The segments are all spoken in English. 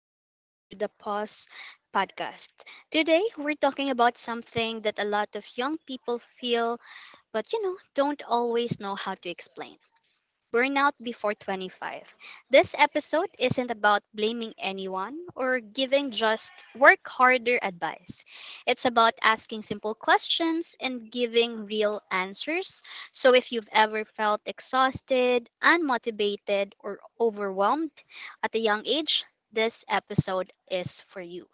welcome to the Pause podcast. Today, we're talking about something that a lot of young people feel, but don't always know how to explain. Burnout Before 25. This episode isn't about blaming anyone or giving just work harder advice. It's about asking simple questions and giving real answers. So if you've ever felt exhausted, unmotivated, or overwhelmed at a young age, this episode is for you.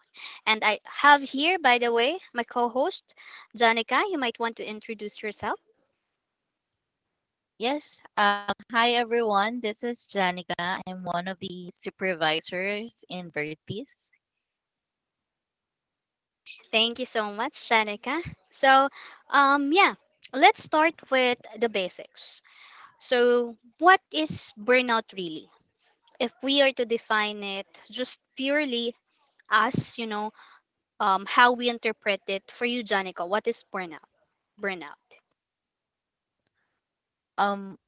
And I have here, by the way, my co host, Janica. You might want to introduce yourself. Yes. Hi, everyone. This is Janica. I'm one of the supervisors in Vertis. Thank you so much, Shanika. So, yeah, let's start with the basics. So, what is burnout really? If we are to define it just purely as, how we interpret it for you, Janica, what is burnout? Burnout. Um,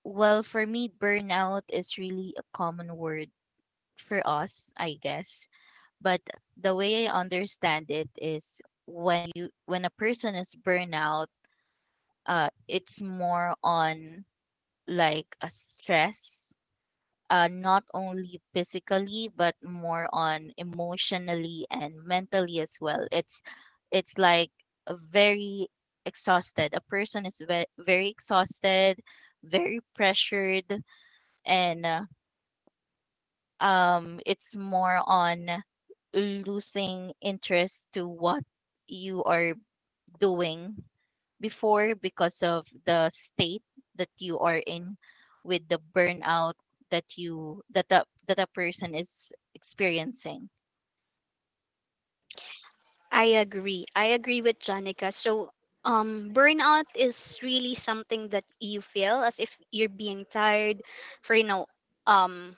well, for me, burnout is really a common word for us, I guess. But the way I understand it is when you, when a person is burnout, it's more on like a stress not only physically but more on emotionally and mentally as well. It's like a very exhausted. A person is very exhausted, very pressured, and it's more on losing interest to what you are doing before because of the state that you are in with the burnout that a person is experiencing. I agree. I agree with Janica. So, burnout is really something that you feel as if you're being tired for, um,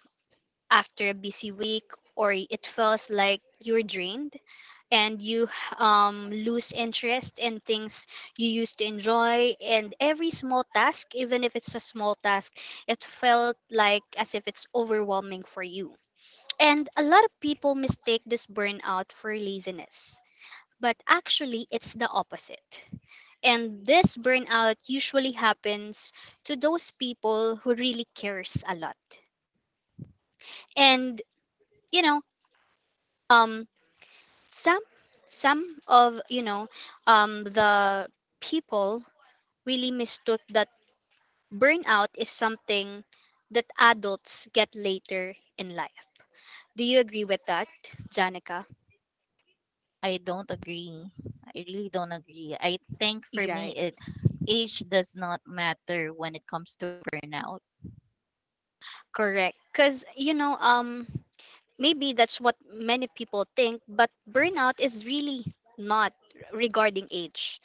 after a busy week, or it feels like you're drained and you, lose interest in things you used to enjoy, and every small task, even if it's a small task, it felt like as if it's overwhelming for you. And a lot of people mistake this burnout for laziness, but actually it's the opposite. And this burnout usually happens to those people who really cares a lot. And, you know um some some of the people really mistook that burnout is something that adults get later in life. Do you agree with that, Janica? I don't agree. I really don't agree. i think for me Right. it age does not matter when it comes to burnout. Correct. Because maybe that's what many people think, but burnout is really not regarding age.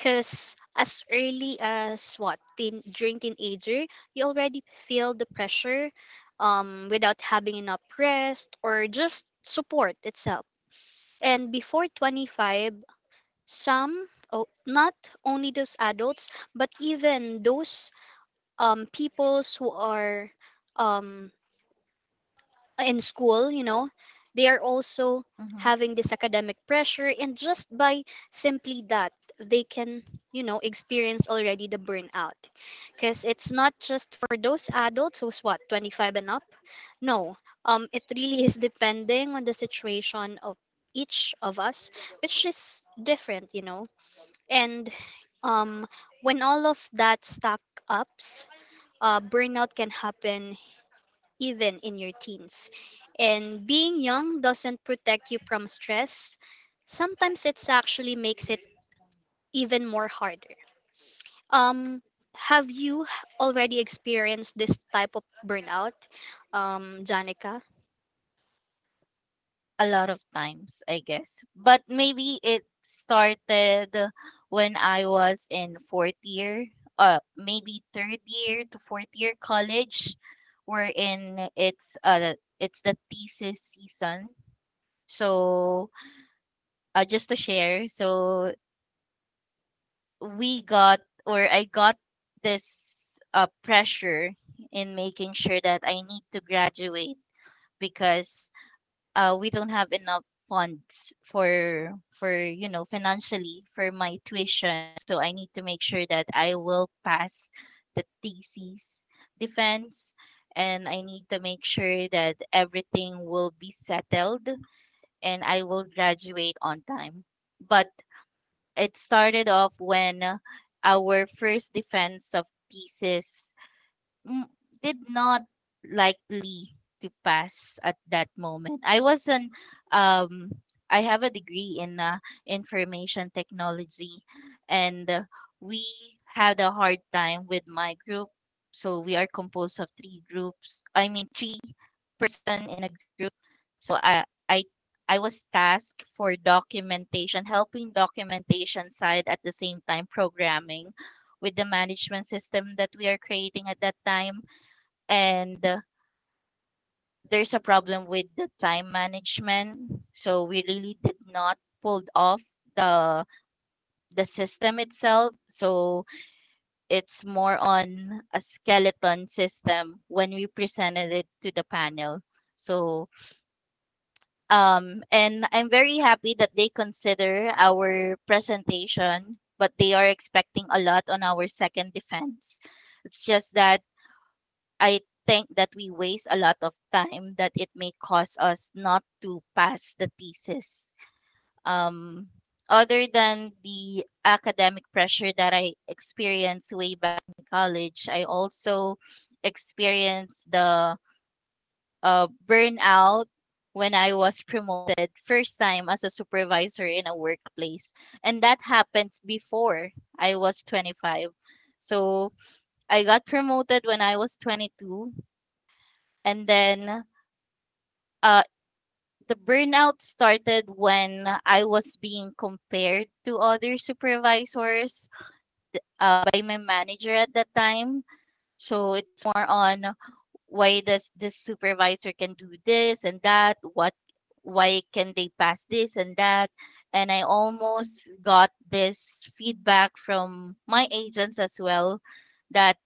Because as early as what, teen, during teenager, you already feel the pressure, without having enough rest or just support itself. And before 25, some, oh, not only those adults, but even those, peoples who are, um, in school, they are also Mhm. having this academic pressure. And just by simply that, they can, experience already the burnout, because it's not just for those adults who's what, 25 and up. No. It really is depending on the situation of each of us, which is different, and, um when all of that stack ups, burnout can happen even in your teens. And being young doesn't protect you from stress. Sometimes it's actually makes it even more harder. Um, have you already experienced this type of burnout, Janica? A lot of times, I guess. But maybe it started when I was in fourth year, maybe third year to fourth year college, wherein it's the thesis season. So just to share, so we got or I got this pressure in making sure that I need to graduate because we don't have enough funds for you know financially for my tuition, so I need to make sure that I will pass the thesis defense, and I need to make sure that everything will be settled and I will graduate on time. But it started off when our first defense of thesis Mm, did not likely to pass at that moment. I was an um I have a degree in information technology, and we had a hard time with my group. So we are composed of three groups. I mean three person in a group. So I I was tasked for documentation, helping documentation side at the same time programming with the management system that we are creating at that time, and there's a problem with the time management. So we really did not pulled off the the system itself. So it's more on a skeleton system when we presented it to the panel. So and I'm very happy that they consider our presentation, but they are expecting a lot on our second defense. It's just that I think that we waste a lot of time that it may cause us not to pass the thesis. Um, Other than the academic pressure that I experienced way back in college, I also experienced the burnout when I was promoted first time as a supervisor in a workplace. And that happens before I was 25. So I got promoted when I was 22. And then uh the burnout started when I was being compared to other supervisors by my manager at that time. So it's more on, why does this supervisor can do this and that? What Why can they pass this and that? And I almost got this feedback from my agents as well, that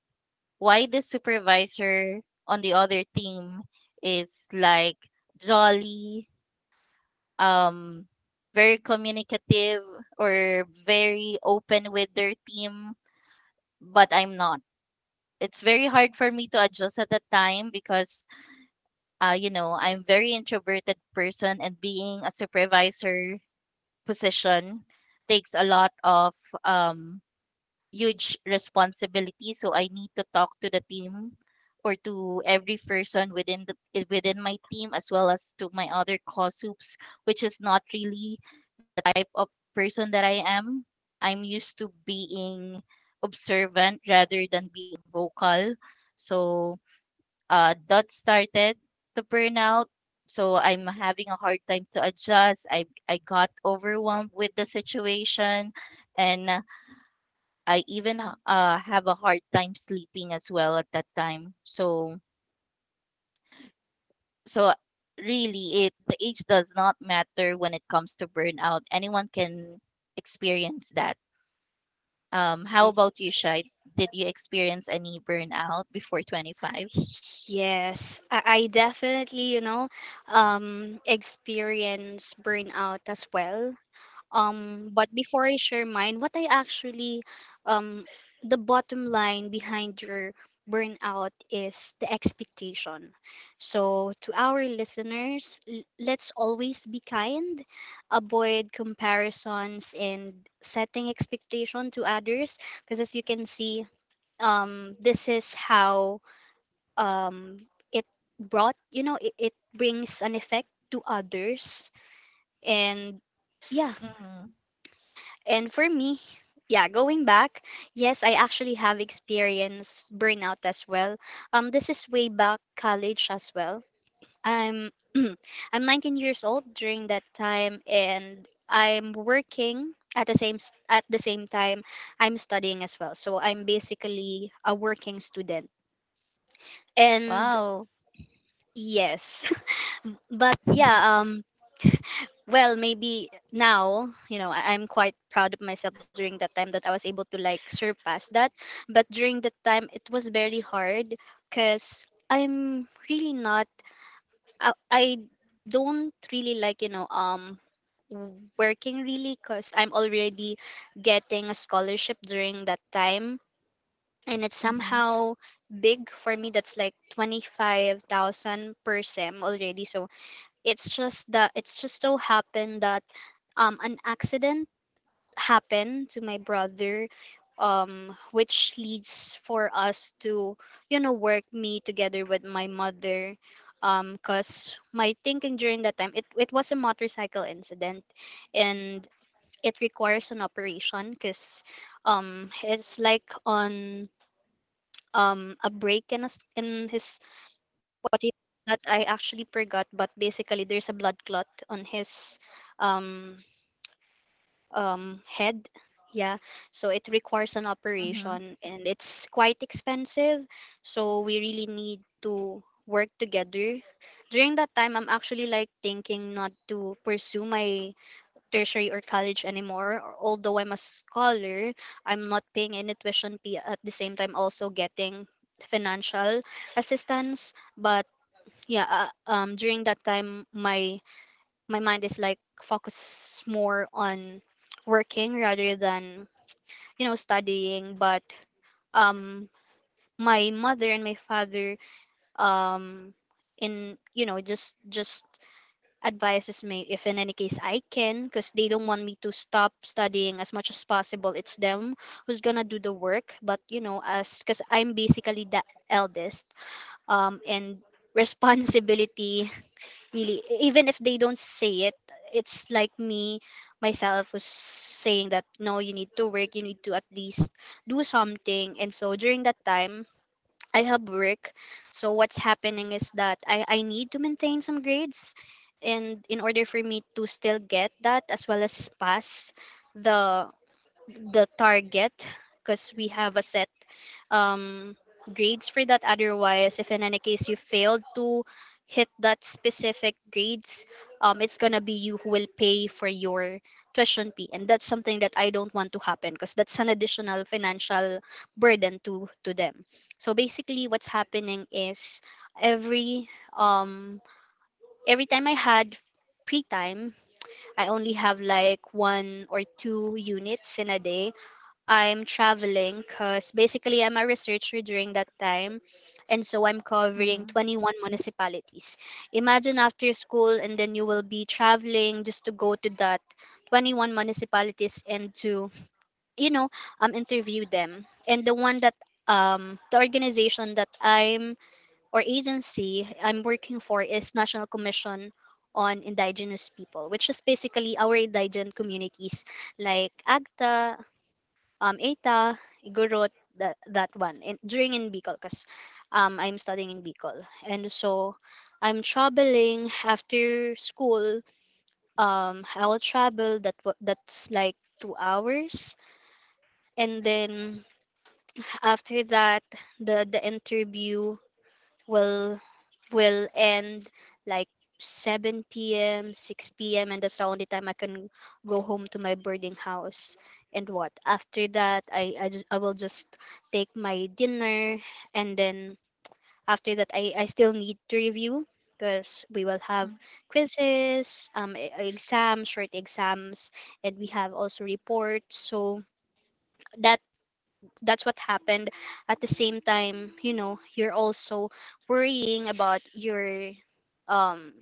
why the supervisor on the other team is like jolly, um, very communicative or very open with their team, but I'm not. It's very hard for me to adjust at that time because, you know, I'm very introverted person, and being a supervisor position takes a lot of um, huge responsibility. So I need to talk to the team or to every person within the within my team as well as to my other co-soups, which is not really type of person that I am. I'm used to being observant rather than being vocal. So that started the burnout. So I'm having a hard time to adjust. I got overwhelmed with the situation, and I even have a hard time sleeping as well at that time. So so really, it the age does not matter when it comes to burnout. Anyone can experience that. How about you, Shai? Did you experience any burnout before 25? Yes, I definitely, experience burnout as well. But before I share mine, um, the bottom line behind your burnout is the expectation. So, to our listeners, let's always be kind, avoid comparisons, and setting expectation to others. Because as you can see, this is how, it brought, you know, it brings an effect to others. And yeah, Mm-hmm. and for me, yeah, going back, yes, I actually have experienced burnout as well. This is way back college as well. I'm I'm 19 years old during that time, and I'm working at the same time I'm studying as well. So I'm basically a working student. And Wow. yes, but yeah, well, maybe now, I'm quite proud of myself during that time that I was able to like surpass that. But during that time, it was very hard, because i'm really not I don't really like, working, really. Because I'm already getting a scholarship during that time, and it's Mm-hmm. somehow big for me, that's like 25,000 per sem already. So it's just that, it's just so happened that, an accident happened to my brother, which leads for us to, work, me together with my mother, cuz my thinking during that time, it was a motorcycle incident. And it requires an operation, cuz it's like on, a break in in his, what he that I actually forgot, but basically there's a blood clot on his, um head. Yeah. So it requires an Mm-hmm. operation and it's quite expensive. So we really need to work together. During that time, I'm actually like thinking not to pursue my tertiary or college anymore. Although I'm a scholar, I'm not paying any tuition fee, at the same time also getting financial assistance. But yeah, during that time, my mind is like focused more on working rather than, studying. But, um my mother and my father, um in you know just advises me if in any case I can, because they don't want me to stop studying. As much as possible, it's them who's gonna do the work. But, you know as because I'm basically the eldest, and responsibility, really. Even if they don't say it, it's like me myself was saying that, no, you need to work, you need to at least do something. And so during that time, I help work. So what's happening is that, I need to maintain some grades. And in order for me to still get that, as well as pass the the target, because we have a set, um, grades for that. Otherwise, if in any case you failed to hit that specific grades, it's gonna be you who will pay for your tuition fee, and that's something that I don't want to happen, because that's an additional financial burden to, them. So basically, what's happening is, every um, every time I had free time, I only have like one or two units in a day, I'm traveling, because basically I'm a researcher during that time. And so I'm covering Mm-hmm. 21 municipalities. Imagine, after school, and then you will be traveling just to go to that 21 municipalities, and to, you know, interview them. And the organization that I'm or agency I'm working for, is National Commission on Indigenous People, which is basically our indigent communities like AGTA, ETA, Igorot, that one, and during in Bicol, because, I'm studying in Bicol. And so I'm traveling after school. I'll travel that, that's like 2 hours, and then after that, the interview will will end like 7 p.m., 6 p.m., and that's the only time I can go home to my boarding house. And what? After that, I will just take my dinner. And then after that, I still need to review, because we will have Mm. quizzes, exams, short exams, and we have also reports. So that that's what happened. At the same time, you're also worrying about your, um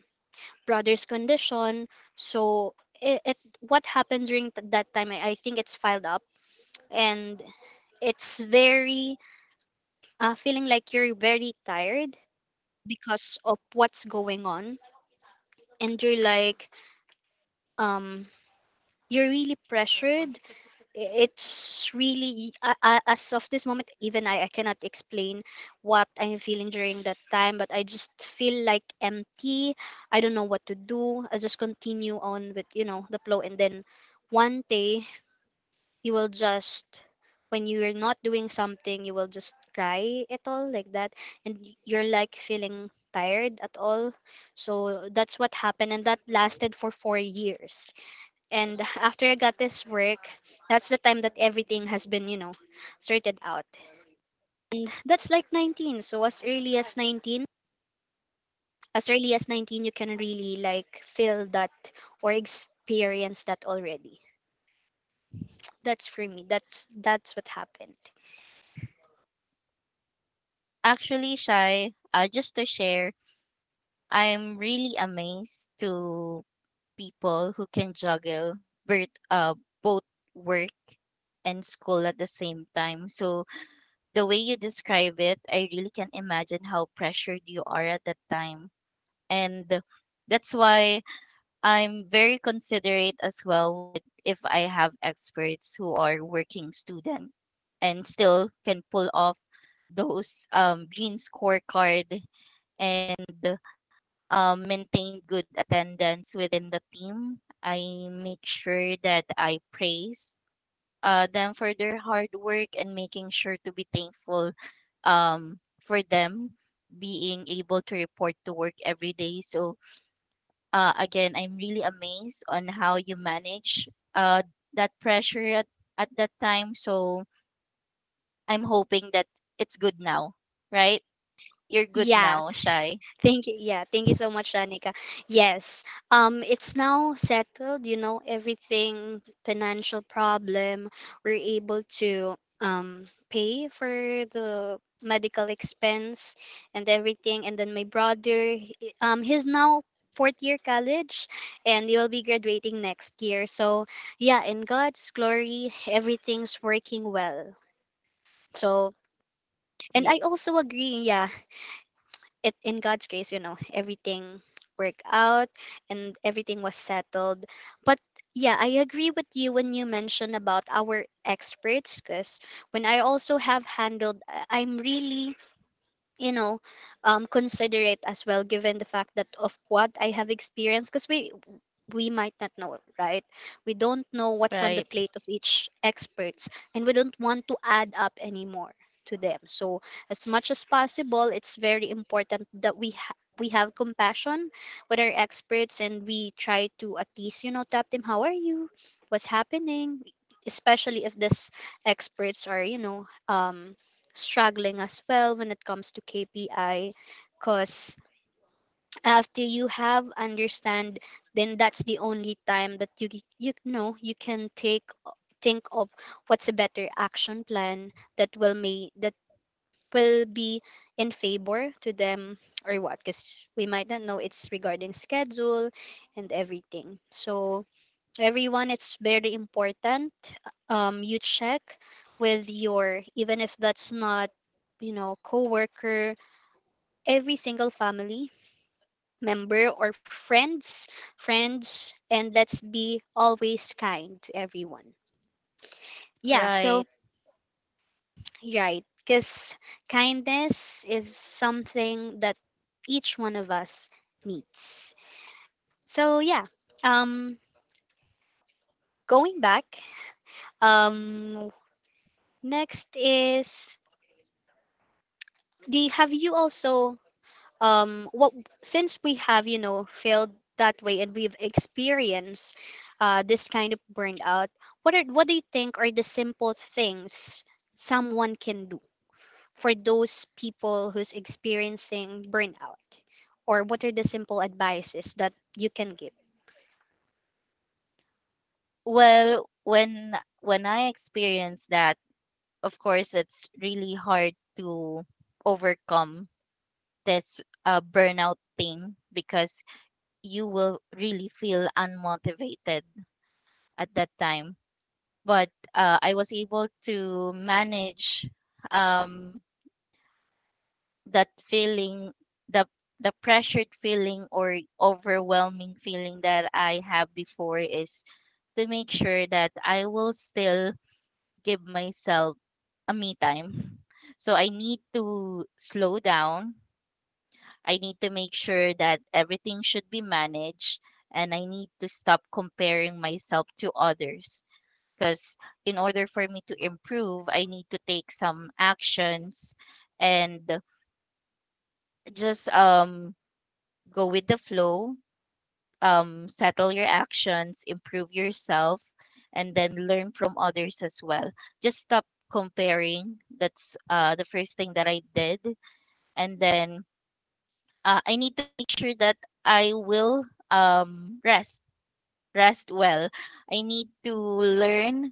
brother's condition. So, it what happened during that time, I think, it's filed up, and it's very, feeling like you're very tired because of what's going on. And you're like, um you're really pressured. It's really, as of this moment, even I cannot explain what I'm feeling during that time, but I just feel like empty. I don't know what to do. I just continue on with, the flow. And then one day, you will just when you're not doing something, you will just cry at all like that. And you're like feeling tired at all. So that's what happened, and that lasted for 4 years. And after I got this work, that's the time that everything has been, sorted out. And that's like 19. So as early as 19, as early as 19, you can really like feel that or experience that already. That's for me. That's, what happened. Actually, Shai, just to share, I'm really amazed to people who can juggle birth, uh, both work and school at the same time. So the way you describe it, I really can imagine how pressured you are at that time. And that's why I'm very considerate as well with if I have experts who are working student and still can pull off those green scorecard, and maintain good attendance within the team. I make sure that I praise them for their hard work and making sure to be thankful for them being able to report to work every day. So again, I'm really amazed on how you manage uh, that pressure at that time. So I'm hoping that it's good now, right? You're good now, Yeah. Shy. Thank you. Yeah, thank you so much, Shanika. Yes. It's now settled, everything, financial problem. We're able to, pay for the medical expense and everything. And then my brother, he's now fourth year college, and he will be graduating next year. So yeah, in God's glory, everything's working well. So, and Yes. I also agree, yeah, it in God's grace, everything worked out and everything was settled. But yeah, I agree with you when you mention about our experts, because when I also have handled, I'm really, you know, considerate as well, given the fact that of what I have experienced. Because we might not know, right? We don't know what's on Right. the plate of each experts, and we don't want to add up anymore to them. So as much as possible, it's very important that we have compassion with our experts, and we try to at least, you know, tap them. How are you? What's happening? Especially if this experts are, you know, struggling as well when it comes to KPI. Because after you have understand, then that's the only time that you know you can take think of what's a better action plan that will may that will be in favor to them or what. Because we might not know, it's regarding schedule and everything. So everyone, it's very important you check with your, even if that's not, you know, coworker, every single family member or friends. And let's be always kind to everyone, yeah. So Right. right, because kindness is something that each one of us needs. So yeah, um going back, um next is the have you also, what since we have, you know, failed that way, and we've experienced this kind of burnout, what do you think are the simple things someone can do for those people who's experiencing burnout? Or what are the simple advices that you can give? Well, when I experienced that, of course, it's really hard to overcome this burnout thing because you will really feel unmotivated at that time. But I was able to manage um, that feeling. The the pressured feeling or overwhelming feeling that I have before is to make sure that I will still give myself a me time. So I need to slow down. I need to make sure that everything should be managed, and I need to stop comparing myself to others because in order for me to improve, I need to take some actions and just go with the flow, um, settle your actions, improve yourself and then learn from others as well. Just stop comparing. That's the first thing that I did. And then I need to make sure that I will um, rest well. I need to learn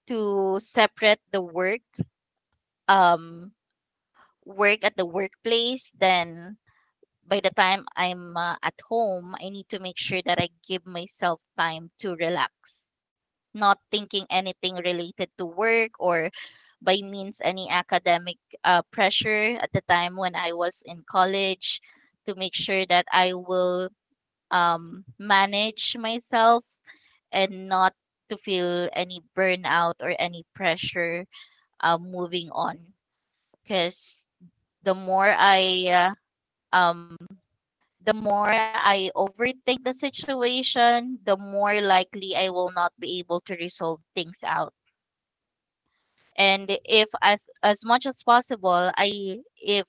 to separate the work um work at the workplace, then by the time I'm at home, I need to make sure that I give myself time to relax, not thinking anything related to work or by means any academic pressure at the time when I was in college, to make sure that I will manage myself and not to feel any burnout or any pressure moving on, because the more I uh, um the more I overthink the situation, the more likely I will not be able to resolve things out. And if as as much as possible, I if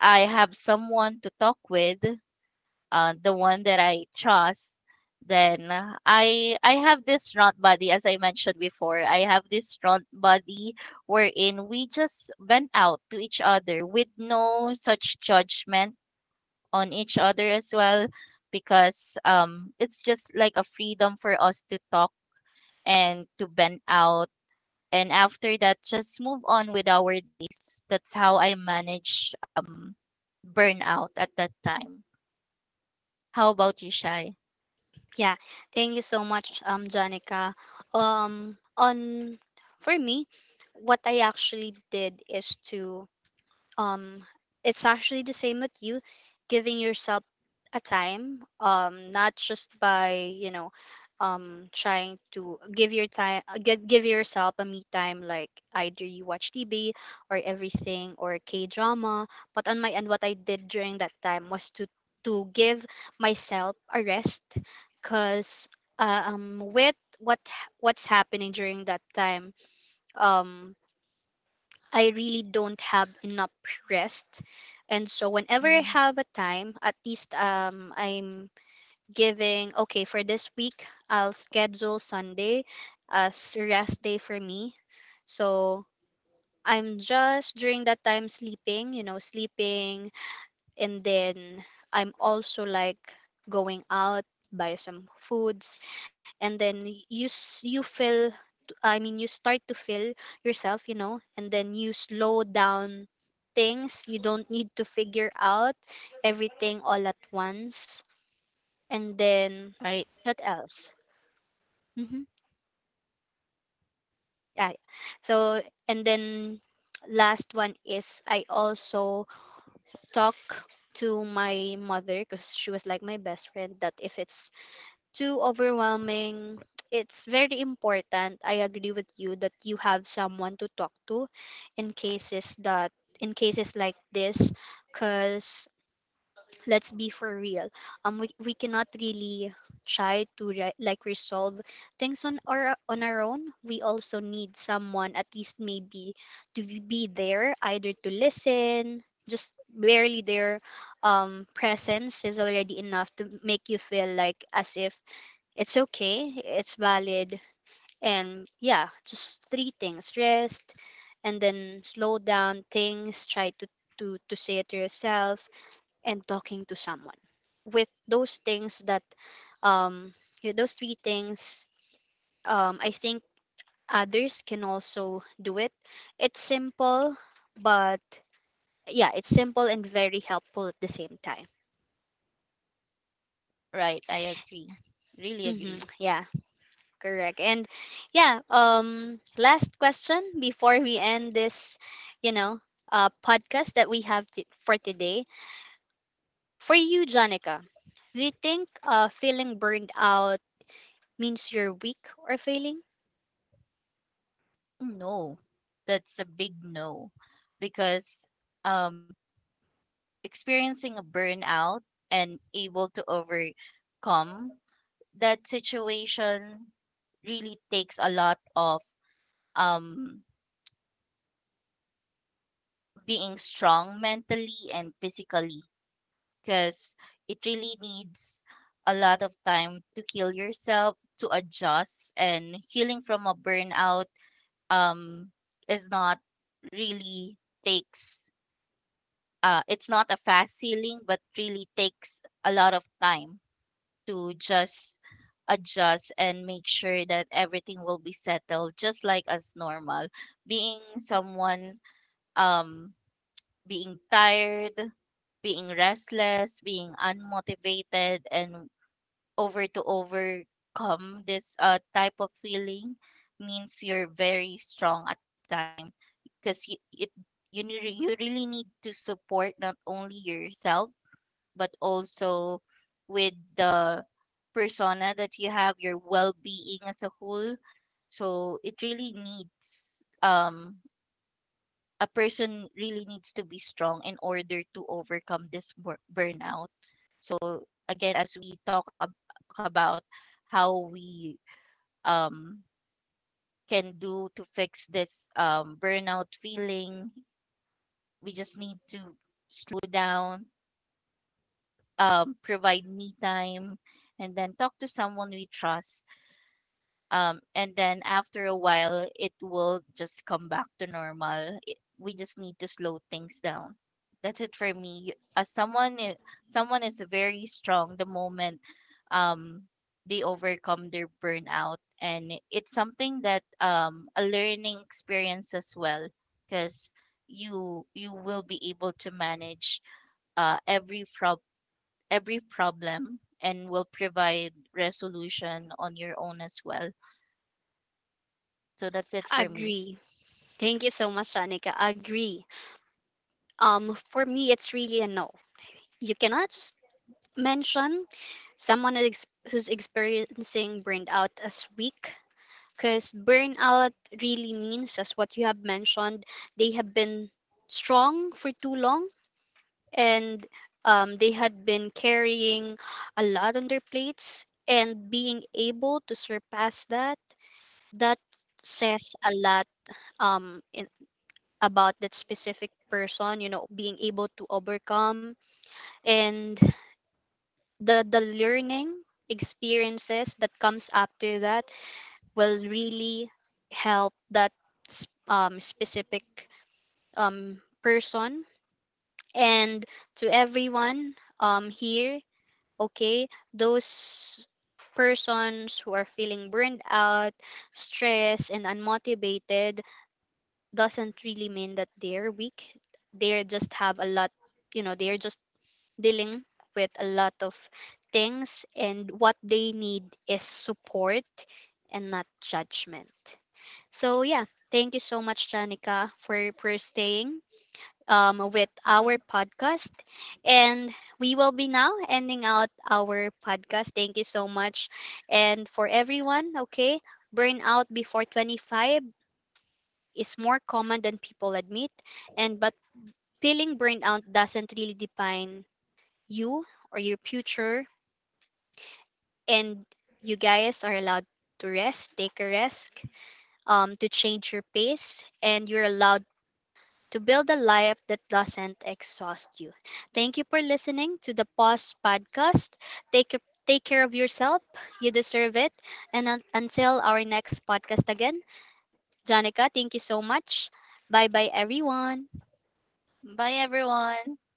I have someone to talk with, the one that I trust, then I have this strong body. As I mentioned before, I have this strong body wherein we just vent out to each other with no such judgment on each other as well, because it's just like a freedom for us to talk and to vent out, and after that just move on with our days. That's how I manage um burnout at that time. How about you, Shy? Yeah, thank you so much, Janica. On for me, what I actually did is to um it's actually the same with you, giving yourself a time, not just by, you know, trying to give your time, give yourself a me time, like either you watch tv or everything or k drama. But on my end, what I did during that time was to give myself a rest, because with what's happening during that time, um I really don't have enough rest. And so whenever I Hmm. have a time, at least I'm giving, okay, for this week I'll schedule Sunday as rest day for me. So I'm just during that time sleeping, you know, sleeping, and then I'm also like going out, buy some foods, and then you feel, I mean, you start to feel yourself, you know, and then you slow down things. You don't need to figure out everything all at once. And then Right. what else? Mm-hmm. Yeah. So and then last one is I also talk to my mother, because she was like my best friend, that if it's too overwhelming, it's very important. I agree with you that you have someone to talk to in cases that in cases like this. Because let's be for real, we cannot really try to resolve things on our own. We also need someone, at least maybe to be there, either to listen. Just barely their, presence is already enough to make you feel like as if it's okay, it's valid. And yeah, just three things: rest, and then slow down things, to say it to yourself, and talking to someone. With those things that, um, with those three things, I think others can also do it. It's simple, but yeah, it's simple and very helpful at the same time. Right, I agree. Really Mm-hmm. agree. Yeah. Correct. And yeah, last question before we end this, you know, podcast that we have for today. For you, Janica, do you think feeling burned out means you're weak or failing? No, that's a big no. Because um experiencing a burnout and able to overcome that situation really takes a lot of um being strong mentally and physically, because it really needs a lot of time to heal yourself, to adjust. And healing from a burnout um is not really takes it's not a fast healing, but really takes a lot of time to just adjust and make sure that everything will be settled just like as normal. Being someone um being tired, being restless, being unmotivated and overcome this type of feeling means you're very strong. Because you it you, ne- you really need to support not only yourself, but also with the persona that you have, your well-being as a whole. So it really needs um, a person really needs to be strong in order to overcome this burnout. So again, as we talk about how we um can do to fix this burnout feeling, we just need to slow down, provide me time, and then talk to someone we trust. And then after a while, it will just come back to normal. We just need to slow things down. That's it for me. Someone is very strong the moment um, they overcome their burnout, and it's something that a learning experience as well, because you will be able to manage uh, every prob every problem and will provide resolution on your own as well. So that's it for me. Agree. Thank you so much, Janica. Agree. Um, for me it's really a no. You cannot just mention someone who's experiencing burned out as weak, because burnout really means, as what you have mentioned, they have been strong for too long, and, they had been carrying a lot on their plates, and being able to surpass that, that says a lot, in, about that specific person, you know, being able to overcome. And the learning experiences that comes after that will really help that specific, person. And to everyone, here, okay, those persons who are feeling burned out, stressed and unmotivated, doesn't really mean that they're weak. They just have a lot. You know, they're just dealing with a lot of things, and what they need is support and not judgment. So yeah, thank you so much, Janica, for staying, with our Mhm. podcast, and we will be now ending out our podcast. Thank you so much. And for everyone, okay, burnout before 25 is more common than people admit, and but feeling burnout doesn't really define you or your future. And you guys are allowed to rest, take a rest, to change your pace, and you're allowed to build a life that doesn't exhaust you. Thank you for listening to the Pause Podcast. Take a, take care of yourself. You deserve it. And until our next podcast again, Janica, thank you so much. Bye bye, everyone. Bye, everyone.